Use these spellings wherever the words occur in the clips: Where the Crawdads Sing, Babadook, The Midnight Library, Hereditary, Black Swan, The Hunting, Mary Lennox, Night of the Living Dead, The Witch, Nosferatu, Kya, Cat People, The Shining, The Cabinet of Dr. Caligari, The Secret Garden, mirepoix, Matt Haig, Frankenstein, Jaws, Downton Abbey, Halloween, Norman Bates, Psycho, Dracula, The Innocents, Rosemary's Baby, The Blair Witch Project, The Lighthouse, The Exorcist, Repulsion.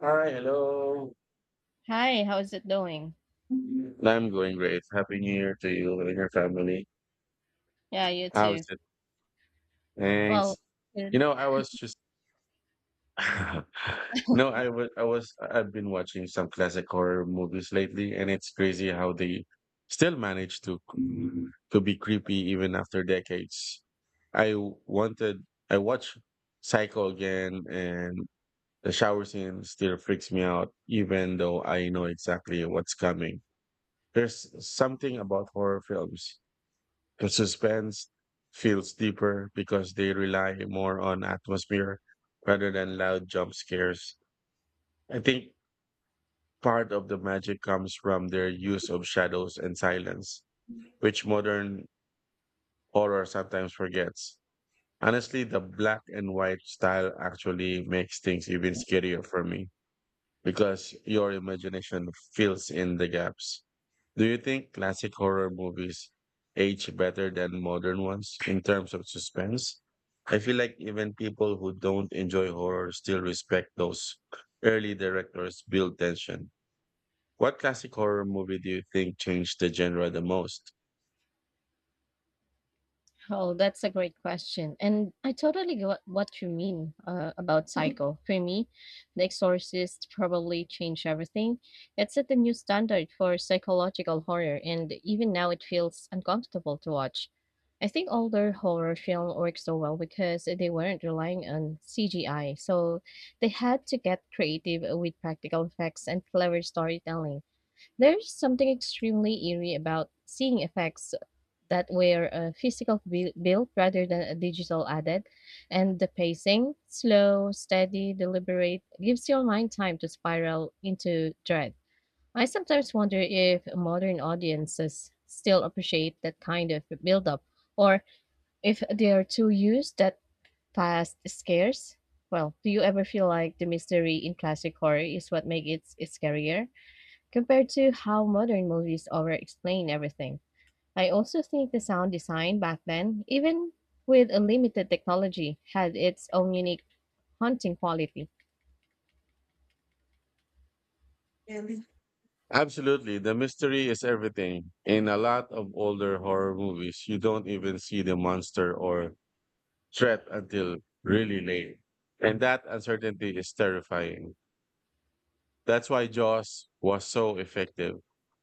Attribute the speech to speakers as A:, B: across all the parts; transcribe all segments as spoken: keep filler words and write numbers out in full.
A: Hi, hello.
B: Hi, how is it doing?
A: I'm going great. Happy New Year to you and your family.
B: Yeah, you
A: How's
B: too.
A: it?
B: Well,
A: Thanks. You
B: mm,
A: know, I was just, you know, I was, I was, I've been watching some classic horror movies lately, and it's crazy how they still manage to to be creepy even after decades. I wanted, I watched Psycho again, and the shower scene still freaks me out, even though I know exactly what's coming. There's something about horror films. The suspense feels deeper because they rely more on atmosphere rather than loud jump scares. I think part of the magic comes from their use of shadows and silence, which modern horror sometimes forgets. Honestly, the black and white style actually makes things even scarier for me because your imagination fills in the gaps. Do you think classic horror movies age better than modern ones in terms of suspense? I feel like even people who don't enjoy horror still respect those early directors build tension. What classic horror movie do you think changed the genre the most?
B: oh, that's a great question. And I totally get what you mean uh, about Psycho. For me, The Exorcist probably changed everything. It set a new standard for psychological horror, and even now it feels uncomfortable to watch. I think older horror film worked so well because they weren't relying on C G I, so they had to get creative with practical effects and clever storytelling. There's something extremely eerie about seeing effects that were a physical bu- built rather than a digital added, and the pacing, slow, steady, deliberate, gives your mind time to spiral into dread. I sometimes wonder if modern audiences still appreciate that kind of build-up, or if they are too used that fast scares. Well, do you ever feel like the mystery in classic horror is what makes it scarier compared to how modern movies over-explain everything? I also think the sound design back then, even with a limited technology, had its own unique haunting quality.
A: Really? Absolutely, the mystery is everything. In a lot of older horror movies, you don't even see the monster or threat until really late. And that uncertainty is terrifying. That's why Jaws was so effective.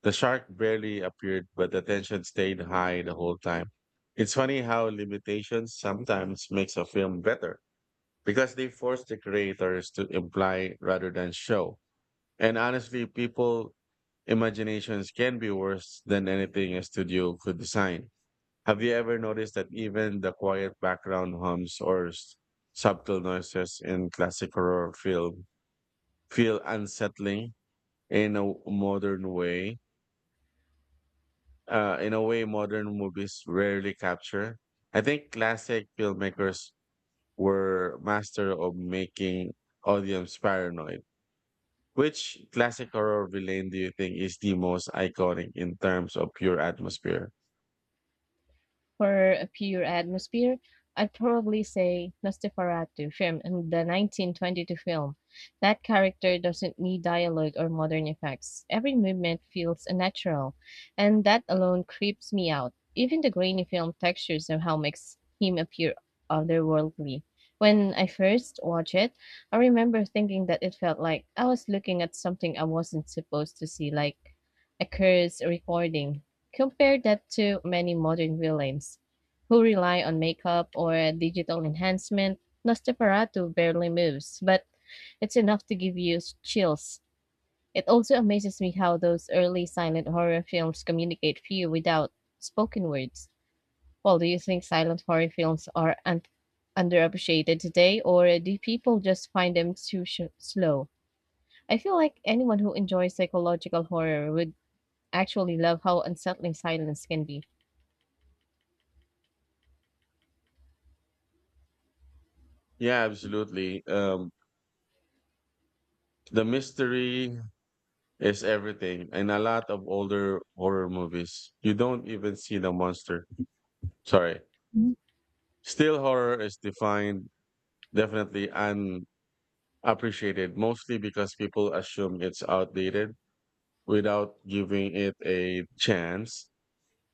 A: The shark barely appeared, but the tension stayed high the whole time. It's funny how limitations sometimes makes a film better because they force the creators to imply rather than show. And honestly, people imaginations can be worse than anything a studio could design. Have you ever noticed that even the quiet background hums or s- subtle noises in classic horror film feel unsettling in a modern way. Uh, in a way, modern movies rarely capture. I think classic filmmakers were master of making audience paranoid. Which classic horror villain do you think is the most iconic in terms of pure atmosphere?
B: For a pure atmosphere, I'd probably say Nosferatu from the nineteen twenty-two film. That character doesn't need dialogue or modern effects. Every movement feels unnatural, and that alone creeps me out. Even the grainy film texture somehow makes him appear otherworldly. When I first watched it, I remember thinking that it felt like I was looking at something I wasn't supposed to see, like a cursed recording. Compare that to many modern villains who rely on makeup or digital enhancement. Nosferatu barely moves, but it's enough to give you chills. It also amazes me how those early silent horror films communicate fear without spoken words. Well, do you think silent horror films are un- underappreciated today, or do people just find them too sh- slow? I feel like anyone who enjoys psychological horror would actually love how unsettling silence can be.
A: Yeah, absolutely. Um, the mystery is everything. In a lot of older horror movies, you don't even see the monster. Sorry. Still horror is defined definitely appreciated mostly because people assume it's outdated without giving it a chance.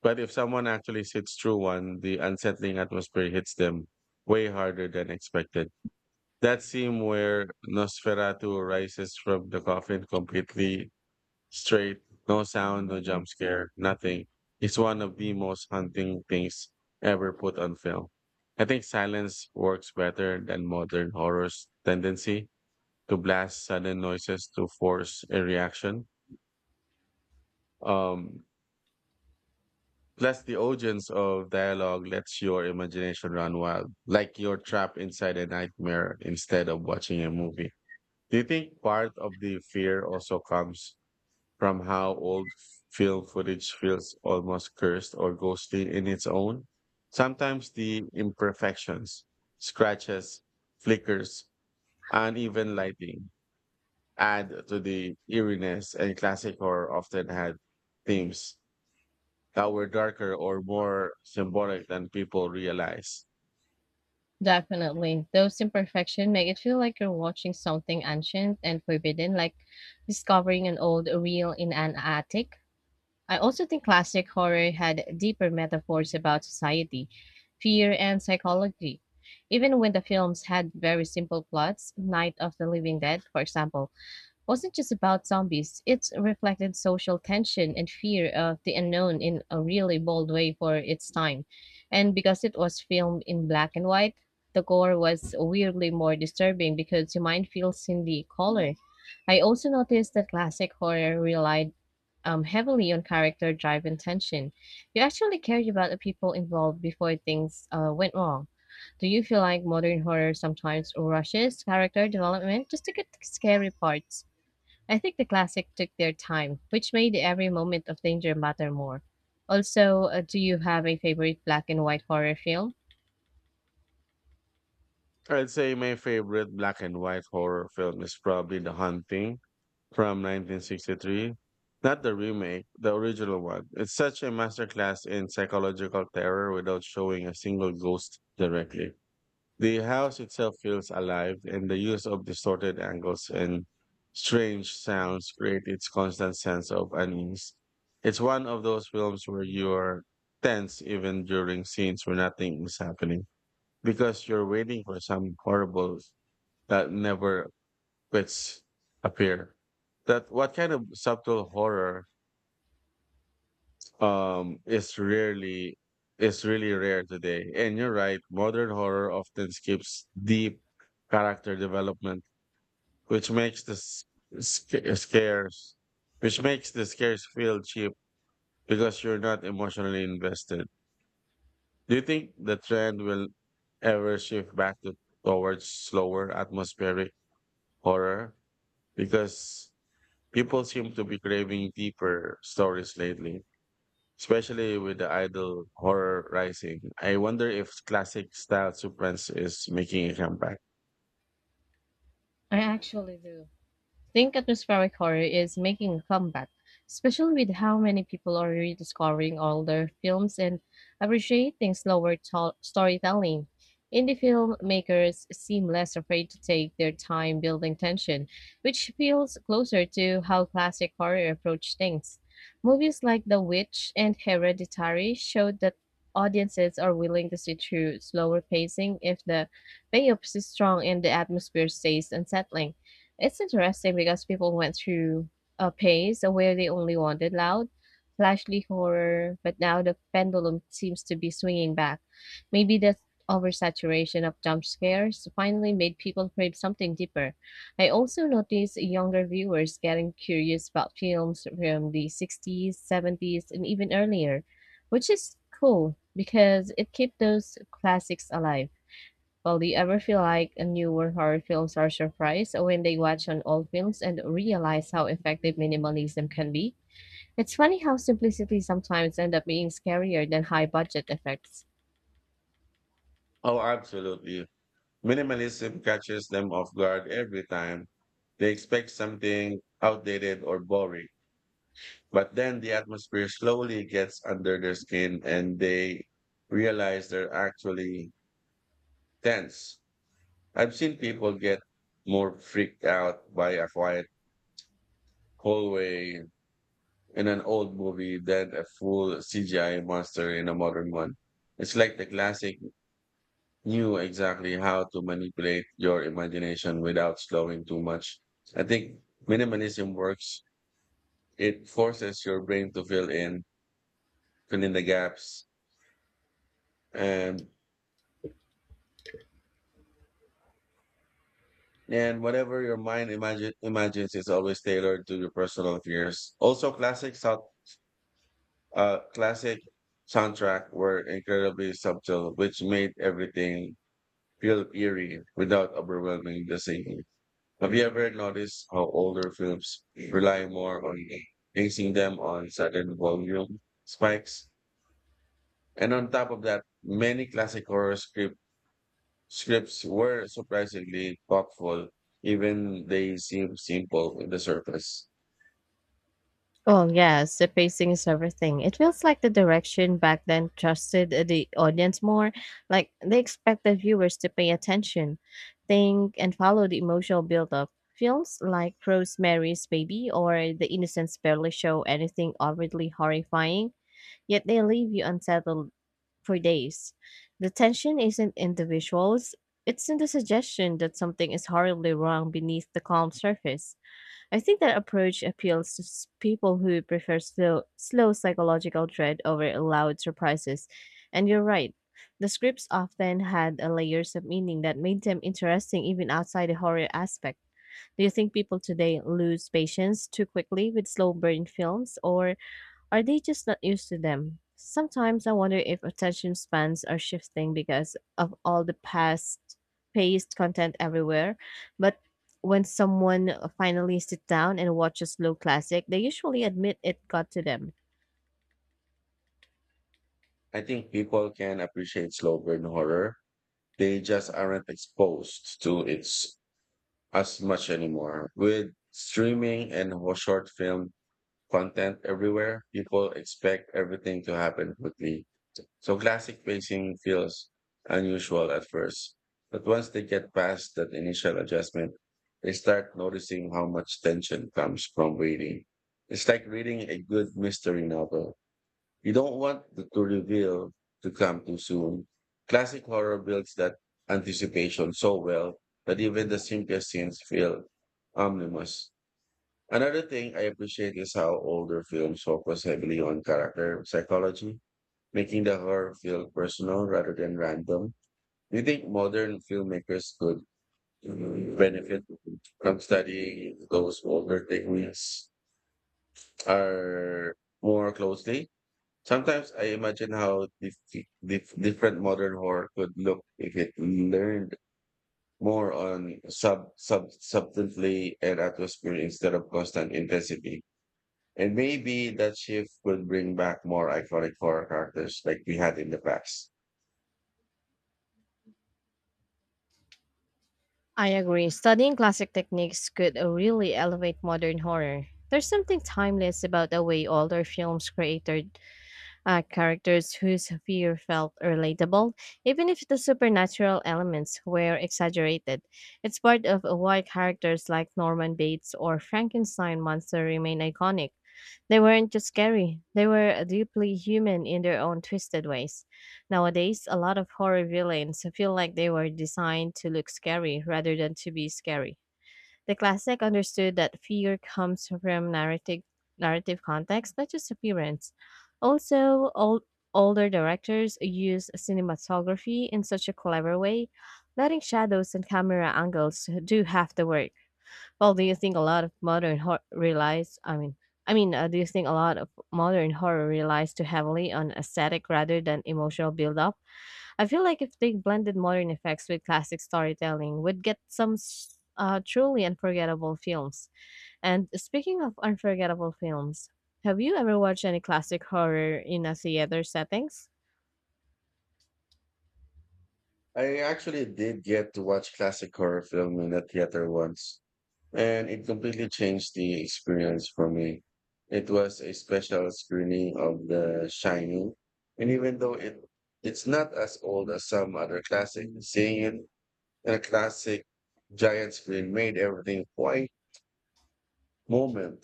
A: But if someone actually sits through one, the unsettling atmosphere hits them way harder than expected. That scene where Nosferatu rises from the coffin completely straight, no sound, no jump scare, nothing, is one of the most haunting things ever put on film. I think silence works better than modern horror's tendency to blast sudden noises to force a reaction. Um, plus, the audience of dialogue lets your imagination run wild, like you're trapped inside a nightmare instead of watching a movie. Do you think part of the fear also comes from how old film footage feels almost cursed or ghostly in its own? Sometimes the imperfections, scratches, flickers, uneven lighting add to the eeriness, and classic horror often had themes that were darker or more symbolic than people realize.
B: Definitely. Those imperfections make it feel like you're watching something ancient and forbidden, like discovering an old reel in an attic. I also think classic horror had deeper metaphors about society, fear, and psychology. Even when the films had very simple plots, Night of the Living Dead, for example, wasn't just about zombies. It reflected social tension and fear of the unknown in a really bold way for its time. And because it was filmed in black and white, the gore was weirdly more disturbing because your mind feels in the color. I also noticed that classic horror relied um, heavily on character drive and tension. You actually cared about the people involved before things uh, went wrong. Do you feel like modern horror sometimes rushes character development just to get the scary parts? I think the classic took their time, which made every moment of danger matter more. Also, uh, do you have a favorite black and white horror film?
A: I'd say my favorite black and white horror film is probably The Hunting from nineteen sixty-three. Not the remake, the original one. It's such a masterclass in psychological terror without showing a single ghost directly. The house itself feels alive, and the use of distorted angles and strange sounds create its constant sense of unease. It's one of those films where you're tense even during scenes where nothing is happening because you're waiting for some horrible that never quits appear. That what kind of subtle horror um it's rarely it's really rare today, and you're right, modern horror often skips deep character development, which makes the s- sca- scares which makes the scares feel cheap because you're not emotionally invested. Do you think the trend will ever shift back to towards slower atmospheric horror because people seem to be craving deeper stories lately, especially with the idol horror rising. I wonder if classic style superance is making a comeback.
B: I actually do think atmospheric horror is making a comeback, especially with how many people are rediscovering older films and appreciating slower to- storytelling. Indie filmmakers seem less afraid to take their time building tension, which feels closer to how classic horror approach things. Movies like The Witch and Hereditary showed that audiences are willing to sit through slower pacing if the payoff is strong and the atmosphere stays unsettling. It's interesting because people went through a phase where they only wanted loud, flashy horror, but now the pendulum seems to be swinging back. Maybe the oversaturation of jump scares finally made people crave something deeper. I also noticed younger viewers getting curious about films from the sixties, seventies, and even earlier, which is cool because it kept those classics alive. Well, do you ever feel like uh, newer horror films are surprised when they watch on old films and realize how effective minimalism can be? It's funny how simplicity sometimes end up being scarier than high budget effects.
A: Oh, absolutely. Minimalism catches them off guard every time. They expect something outdated or boring, but then the atmosphere slowly gets under their skin and they realize they're actually tense. I've seen people get more freaked out by a quiet hallway in an old movie than a full C G I monster in a modern one. It's like the classic knew exactly how to manipulate your imagination without slowing too much. I think minimalism works. It forces your brain to fill in, fill in the gaps, and and whatever your mind imagine, imagines is always tailored to your personal fears. Also, classic sound, uh, classic soundtrack were incredibly subtle, which made everything feel eerie without overwhelming the same. Have you ever noticed how older films rely more on basing them on sudden volume spikes? And on top of that, many classic horror script, scripts were surprisingly thoughtful, even they seem simple in the surface.
B: Well, yes, the pacing is everything. It feels like the direction back then trusted uh, the audience more, like they expected viewers to pay attention, think, and follow the emotional build-up. Films like Rosemary's Baby or The Innocents barely show anything overtly horrifying, yet they leave you unsettled for days. The tension isn't in the visuals, it's in the suggestion that something is horribly wrong beneath the calm surface. I think that approach appeals to s- people who prefer slow, slow psychological dread over loud surprises. And you're right, the scripts often had a layers of meaning that made them interesting even outside the horror aspect. Do you think people today lose patience too quickly with slow burn films, or are they just not used to them? Sometimes I wonder if attention spans are shifting because of all the past paced content everywhere. But when someone finally sits down and watches slow classic, they usually admit it got to them.
A: I think people can appreciate slow burn horror. They just aren't exposed to it as much anymore. With streaming and ho- short film content everywhere. People expect everything to happen quickly. So classic pacing feels unusual at first. But once they get past that initial adjustment, they start noticing how much tension comes from waiting. It's like reading a good mystery novel. You don't want the to reveal to come too soon. Classic horror builds that anticipation so well that even the simplest scenes feel ominous. Another thing I appreciate is how older films focus heavily on character psychology, making the horror feel personal rather than random. Do you think modern filmmakers could benefit from studying those older techniques are more closely? Sometimes I imagine how dif- dif- different modern horror could look if it learned more on sub, sub substantively and atmosphere instead of constant intensity. And maybe that shift could bring back more iconic horror characters like we had in the past.
B: I agree. Studying classic techniques could uh, really elevate modern horror. There's something timeless about the way older films created uh, characters whose fear felt relatable, even if the supernatural elements were exaggerated. It's part of why characters like Norman Bates or Frankenstein monster remain iconic. They weren't just scary, they were deeply human in their own twisted ways. Nowadays, a lot of horror villains feel like they were designed to look scary rather than to be scary. The classic understood that fear comes from narrative narrative context, not just appearance. Also, old, older directors use cinematography in such a clever way, letting shadows and camera angles do half the work. Well, do you think a lot of modern horror relies? I mean, I mean, uh, do you think a lot of modern horror relies too heavily on aesthetic rather than emotional build-up? I feel like if they blended modern effects with classic storytelling, we'd get some s- uh, truly unforgettable films. And speaking of unforgettable films, have you ever watched any classic horror in a theater settings?
A: I actually did get to watch classic horror film in the theater once, and it completely changed the experience for me. It was a special screening of The Shining, and even though it it's not as old as some other classic, seeing it in a classic giant screen made everything quite moment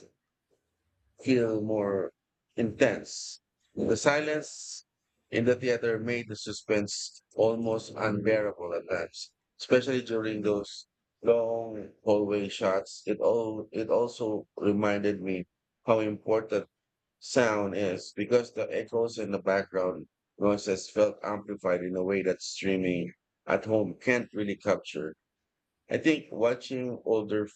A: feel more intense. The silence in the theater made the suspense almost unbearable at times, especially during those long hallway shots. It all it also reminded me how important sound is because the echoes in the background noises felt amplified in a way that streaming at home can't really capture. I think watching older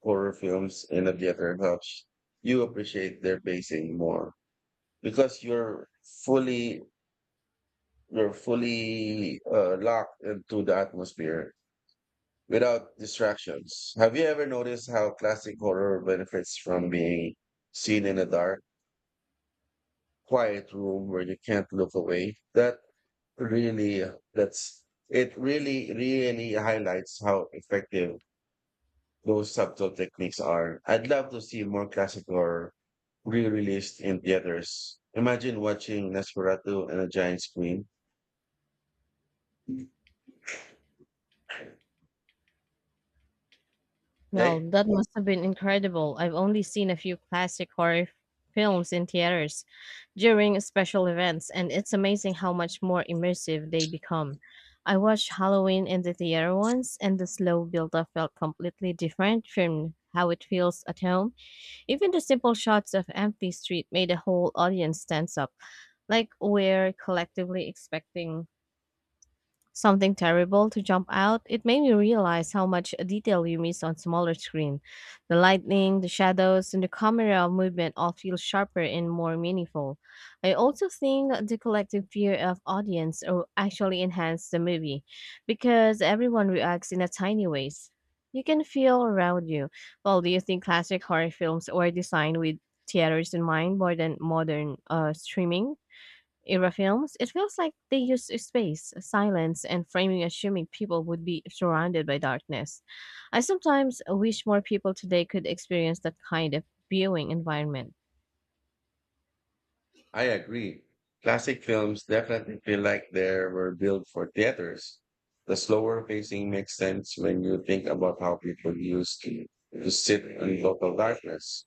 A: horror films in a theater helps you appreciate their pacing more because you're fully you're fully uh, locked into the atmosphere without distractions. Have you ever noticed how classic horror benefits from being seen in a dark, quiet room where you can't look away? That really that's it really really highlights how effective those subtle techniques are. I'd love to see more classic horror re-released in theaters. Imagine watching Nosferatu on a giant screen.
B: Well,
A: Hey,
B: that must have been incredible. I've only seen a few classic horror f- films in theaters during special events, and it's amazing how much more immersive they become. I watched Halloween in the theater once, and the slow build up felt completely different from how it feels at home. Even the simple shots of empty street made the whole audience tense up, like we're collectively expecting something terrible to jump out. It made me realize how much detail you miss on smaller screen. The lighting, the shadows, and the camera movement all feel sharper and more meaningful. I also think the collective fear of audience will actually enhance the movie because everyone reacts in a tiny ways. You can feel around you. Well, do you think classic horror films were designed with theaters in mind more than modern uh, streaming era films? It feels like they use space, silence, and framing assuming people would be surrounded by darkness. I sometimes wish more people today could experience that kind of viewing environment.
A: I agree. Classic films definitely feel like they were built for theaters. The slower pacing makes sense when you think about how people used to, to sit in total darkness,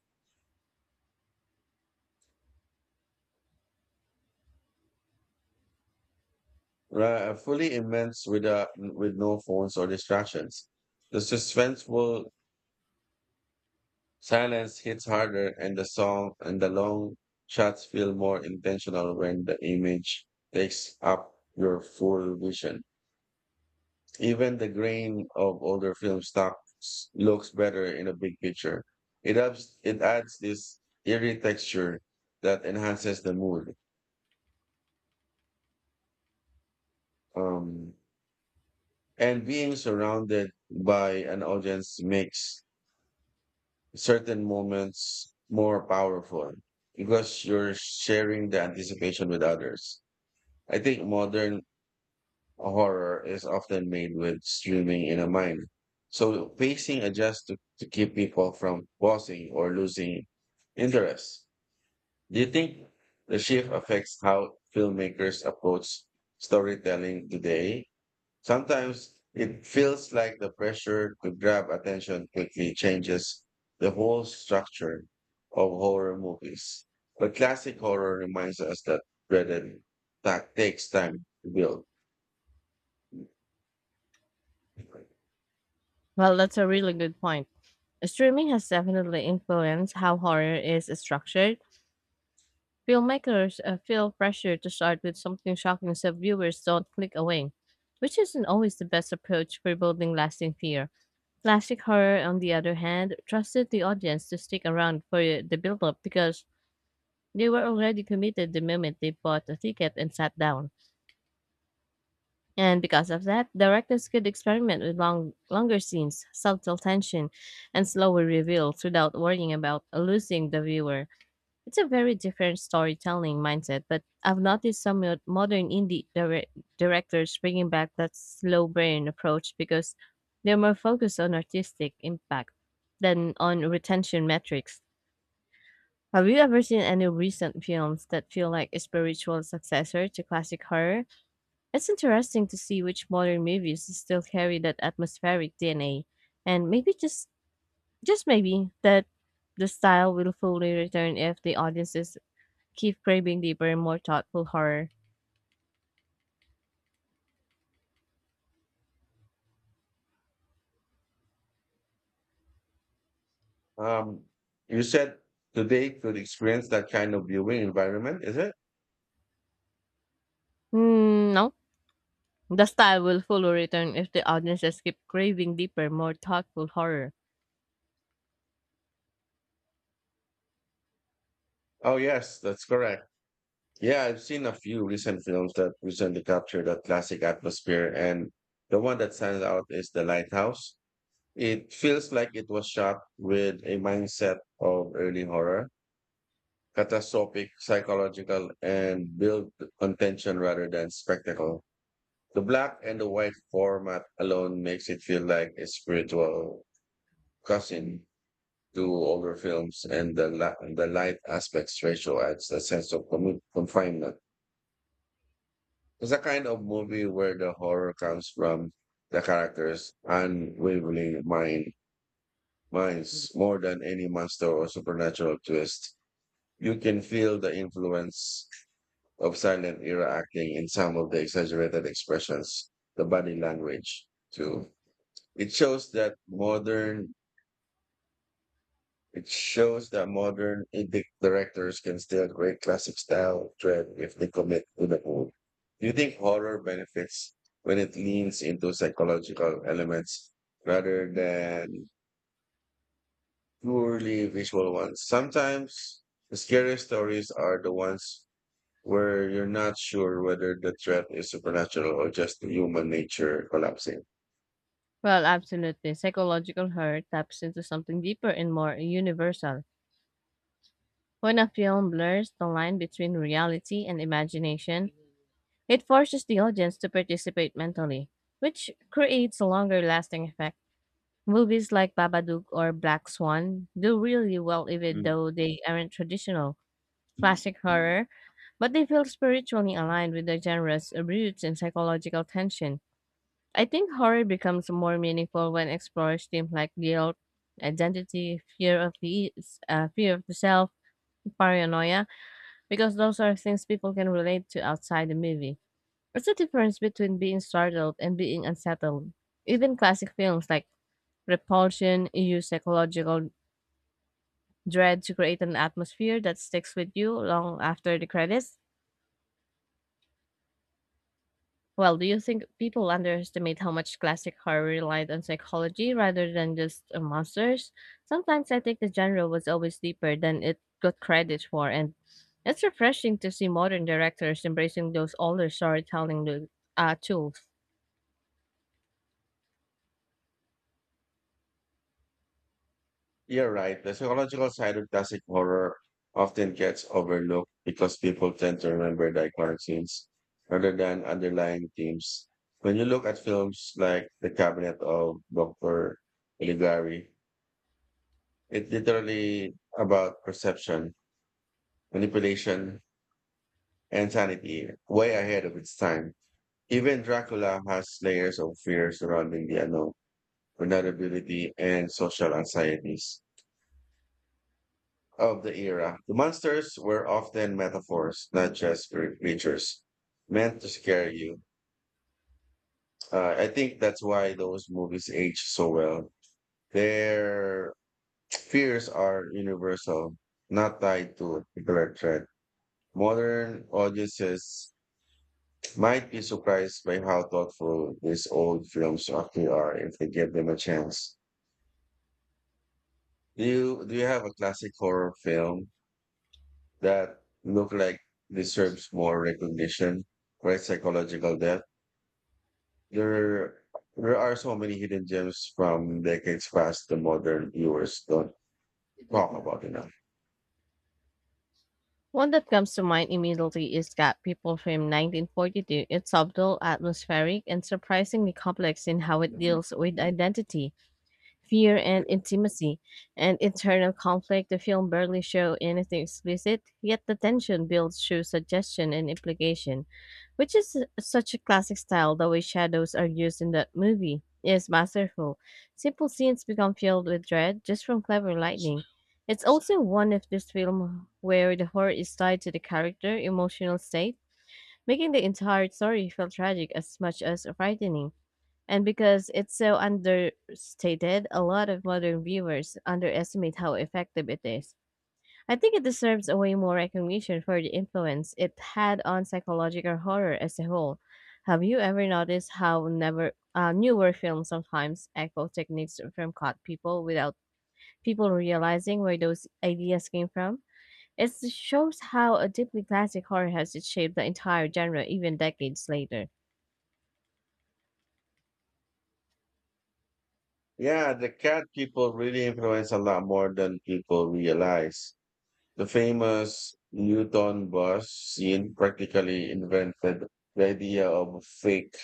A: Ra- fully immersed with uh, with no phones or distractions. The suspenseful silence hits harder and the song and the long shots feel more intentional when the image takes up your full vision. Even the grain of older film stock s- looks better in a big picture. It adds, it adds this eerie texture that enhances the mood. Um, and being surrounded by an audience makes certain moments more powerful because you're sharing the anticipation with others. I think modern horror is often made with streaming in a mind. So pacing adjusts to, to keep people from pausing or losing interest. Do you think the shift affects how filmmakers approach storytelling today? Sometimes it feels like the pressure to grab attention quickly changes the whole structure of horror movies. But classic horror reminds us that dreaded tact takes time to build.
B: Well, that's a really good point. Streaming has definitely influenced how horror is structured. Filmmakers uh, feel pressure to start with something shocking so viewers don't click away, which isn't always the best approach for building lasting fear. Classic horror, on the other hand, trusted the audience to stick around for the build-up because they were already committed the moment they bought a ticket and sat down. And because of that, directors could experiment with long, longer scenes, subtle tension, and slower reveals without worrying about losing the viewer. It's a very different storytelling mindset, but I've noticed some mo- modern indie dire- directors bringing back that slow burn approach because they're more focused on artistic impact than on retention metrics. Have you ever seen any recent films that feel like a spiritual successor to classic horror? It's interesting to see which modern movies still carry that atmospheric D N A, and maybe just just maybe that the style will fully return if the audiences keep craving deeper, more thoughtful horror.
A: Um, you said today could experience that kind of viewing environment, is it?
B: Mm, no. The style will fully return if the audiences keep craving deeper, more thoughtful horror.
A: Oh, yes, that's correct. Yeah, I've seen a few recent films that recently capture that classic atmosphere, and the one that stands out is The Lighthouse. It feels like it was shot with a mindset of early horror, catastrophic, psychological, and built on tension rather than spectacle. The black and the white format alone makes it feel like a spiritual cousin do older films and the la- the light aspects ratio adds a sense of commu- confinement. It's a kind of movie where the horror comes from the characters' unwavering mind minds more than any monster or supernatural twist. You can feel the influence of silent era acting in some of the exaggerated expressions, the body language too. It shows that modern It shows that modern indie directors can still create classic style trend if they commit to the whole. Do you think horror benefits when it leans into psychological elements rather than purely visual ones? Sometimes the scariest stories are the ones where you're not sure whether the threat is supernatural or just human nature collapsing.
B: Well, absolutely. Psychological horror taps into something deeper and more universal. When a film blurs the line between reality and imagination, it forces the audience to participate mentally, which creates a longer lasting effect. Movies like Babadook or Black Swan do really well even
A: Mm.
B: though they aren't traditional classic horror, but they feel spiritually aligned with the genre's roots in psychological tension. I think horror becomes more meaningful when explores themes like guilt, identity, fear of the uh, fear of the self, paranoia, because those are things people can relate to outside the movie. It's a difference between being startled and being unsettled. Even classic films like Repulsion use psychological dread to create an atmosphere that sticks with you long after the credits. Well, do you think people underestimate how much classic horror relied on psychology rather than just uh, monsters? Sometimes I think the genre was always deeper than it got credit for, and it's refreshing to see modern directors embracing those older storytelling lo- uh, tools.
A: You're right. The psychological side of classic horror often gets overlooked because people tend to remember the iconic scenes rather than underlying themes. When you look at films like The Cabinet of doctor Caligari, it's literally about perception, manipulation, and sanity, way ahead of its time. Even Dracula has layers of fear surrounding the unknown, vulnerability, and social anxieties of the era. The monsters were often metaphors, not just cre- creatures meant to scare you. Uh, I think that's why those movies age so well. Their fears are universal, not tied to a particular threat. Modern audiences might be surprised by how thoughtful these old films actually are if they give them a chance. Do you do you have a classic horror film that look like deserves more recognition, right? Psychological depth. There, there are so many hidden gems from decades past the modern viewers don't talk about enough.
B: One that comes to mind immediately is Cat People from nineteen forty-two. It's subtle, atmospheric, and surprisingly complex in how it deals with identity fear and intimacy, and internal conflict. The film barely show anything explicit, yet the tension builds through suggestion and implication, which is such a classic style. The way shadows are used in that movie is masterful. Simple scenes become filled with dread just from clever lighting. It's also one of those films where the horror is tied to the character emotional state, making the entire story feel tragic as much as frightening. And because it's so understated, a lot of modern viewers underestimate how effective it is. I think it deserves a way more recognition for the influence it had on psychological horror as a whole. Have you ever noticed how never uh, newer films sometimes echo techniques from caught people without people realizing where those ideas came from? It shows how a deeply classic horror has shaped the entire genre even decades later.
A: Yeah, the cat people really influence a lot more than people realize. The famous Newton bus scene practically invented the idea of a fake,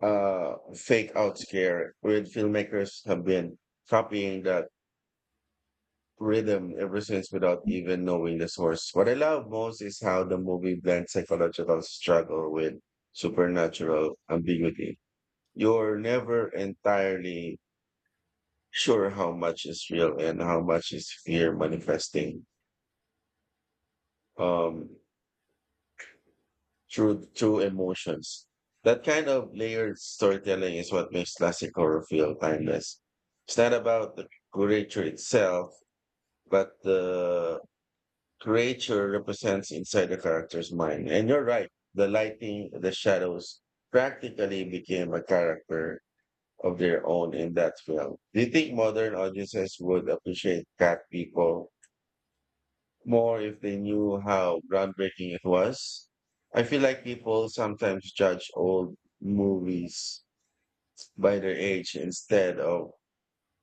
A: uh, fake out scare, where filmmakers have been copying that rhythm ever since without even knowing the source. What I love most is how the movie blends psychological struggle with supernatural ambiguity. You're never entirely sure how much is real and how much is fear manifesting um, through through emotions. That kind of layered storytelling is what makes classic horror feel timeless. It's not about the creature itself, but the creature represents inside the character's mind. And you're right, the lighting, the shadows practically became a character of their own in that film. Do you think modern audiences would appreciate Cat People more if they knew how groundbreaking it was? I feel like people sometimes judge old movies by their age instead of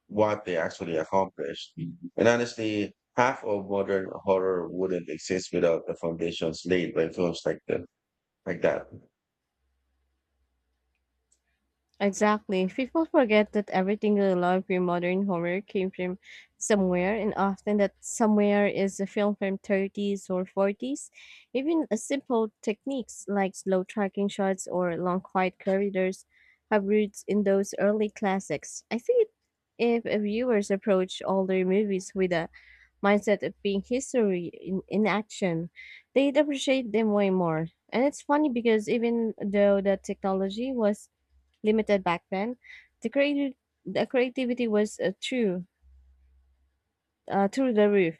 A: what they actually accomplished. And honestly, half of modern horror wouldn't exist without the foundations laid by films like that. Like that.
B: Exactly. People forget that everything they love in modern horror came from somewhere, and often that somewhere is a film from thirties or forties. Even a simple techniques like slow tracking shots or long quiet corridors have roots in those early classics. I think if a viewers approach older movies with a mindset of being history in, in action, they'd appreciate them way more. And it's funny because even though the technology was limited back then, the creative the creativity was uh, true uh, through the roof.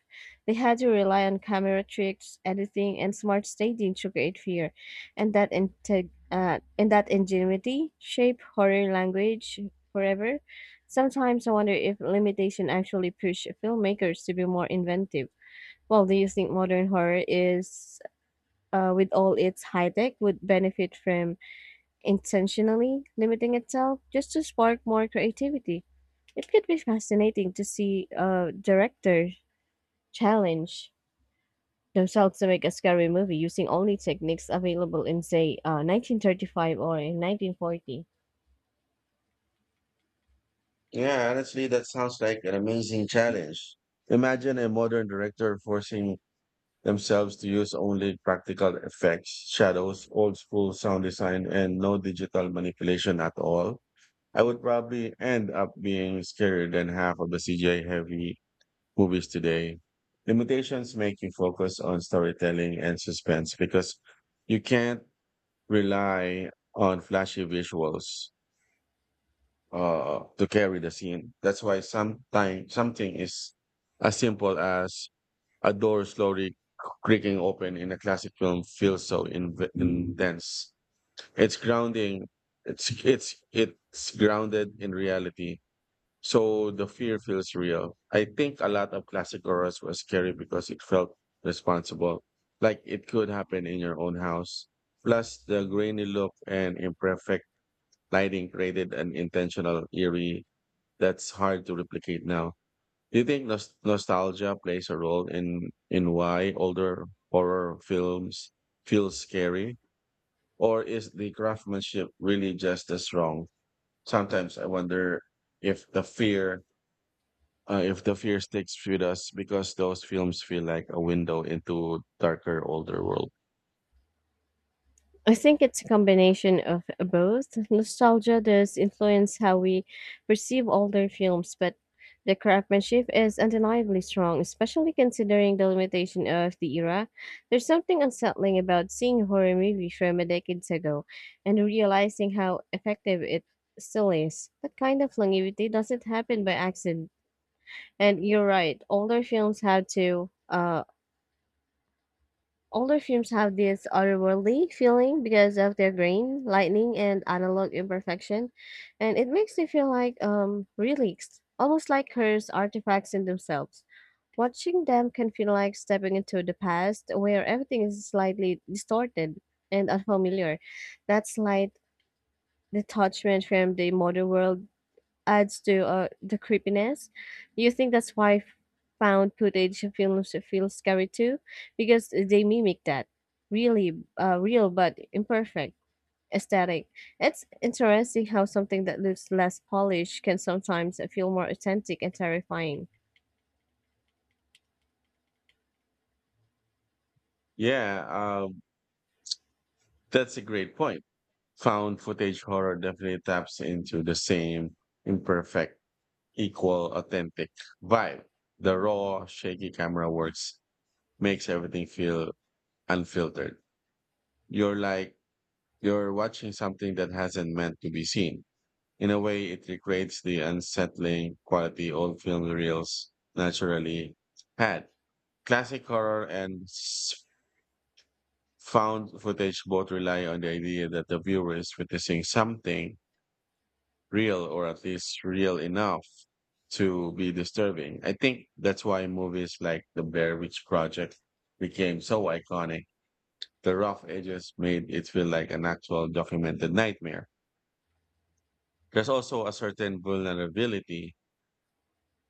B: They had to rely on camera tricks, editing, and smart staging to create fear, and that integ- uh, and that ingenuity shaped horror language forever. Sometimes I wonder if limitation actually pushed filmmakers to be more inventive. Well, do you think modern horror is, uh, with all its high tech, would benefit from intentionally limiting itself just to spark more creativity? It could be fascinating to see uh, directors challenge themselves to make a scary movie using only techniques available in, say, uh, nineteen thirty-five or in nineteen forty.
A: Yeah, honestly, that sounds like an amazing challenge. Imagine a modern director forcing themselves to use only practical effects, shadows, old school sound design, and no digital manipulation at all. I would probably end up being scarier than half of the C G I heavy movies today. Limitations make you focus on storytelling and suspense because you can't rely on flashy visuals uh, to carry the scene. That's why sometimes something is as simple as a door slowly creaking open in a classic film feels so inv- intense. It's grounding. It's it's it's grounded in reality so the fear feels real. I think a lot of classic horrors was scary because it felt responsible, like it could happen in your own house. Plus, the grainy look and imperfect lighting created an intentional eerie that's hard to replicate now. Do you think nos- nostalgia plays a role in in why older horror films feel scary, or is the craftsmanship really just as strong? Sometimes I wonder if the fear uh, if the fear sticks with us because those films feel like a window into darker older world.
B: I think it's a combination of both. Nostalgia does influence how we perceive older films, but the craftsmanship is undeniably strong, especially considering the limitation of the era. There's something unsettling about seeing a horror movie from a decade ago and realizing how effective it still is. That kind of longevity doesn't happen by accident. And you're right, older films have to uh, Older films have this otherworldly feeling because of their grain, lightning, and analog imperfection, and it makes me feel like um relics, almost like cursed artifacts in themselves. Watching them can feel like stepping into the past where everything is slightly distorted and unfamiliar. That slight detachment from the modern world adds to uh, the creepiness. You think that's why found footage films feel scary too, because they mimic that really uh, real but imperfect aesthetic? It's interesting how something that looks less polished can sometimes feel more authentic and terrifying.
A: Yeah um, that's a great point. Found footage horror definitely taps into the same imperfect equal authentic vibe. The raw shaky camera works makes everything feel unfiltered. you're like you're watching something that hasn't meant to be seen. In a way, it recreates the unsettling quality old film reels naturally had. Classic horror and s- found footage both rely on the idea that the viewer is witnessing something real, or at least real enough to be disturbing. I think that's why movies like The Blair Witch Project became so iconic. The rough edges made it feel like an actual documented nightmare. There's also a certain vulnerability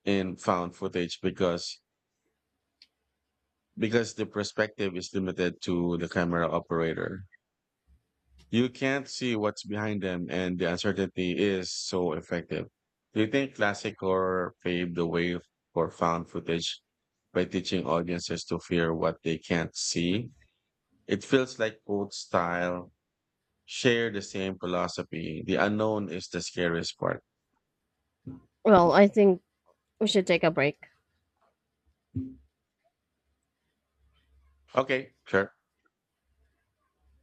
A: in found footage because because the perspective is limited to the camera operator. You can't see what's behind them, and the uncertainty is so effective. Do you think classic horror paved the way for found footage by teaching audiences to fear what they can't see? It feels like both style share the same philosophy. The unknown is the scariest part.
B: Well, I think we should take a break.
A: Okay, sure.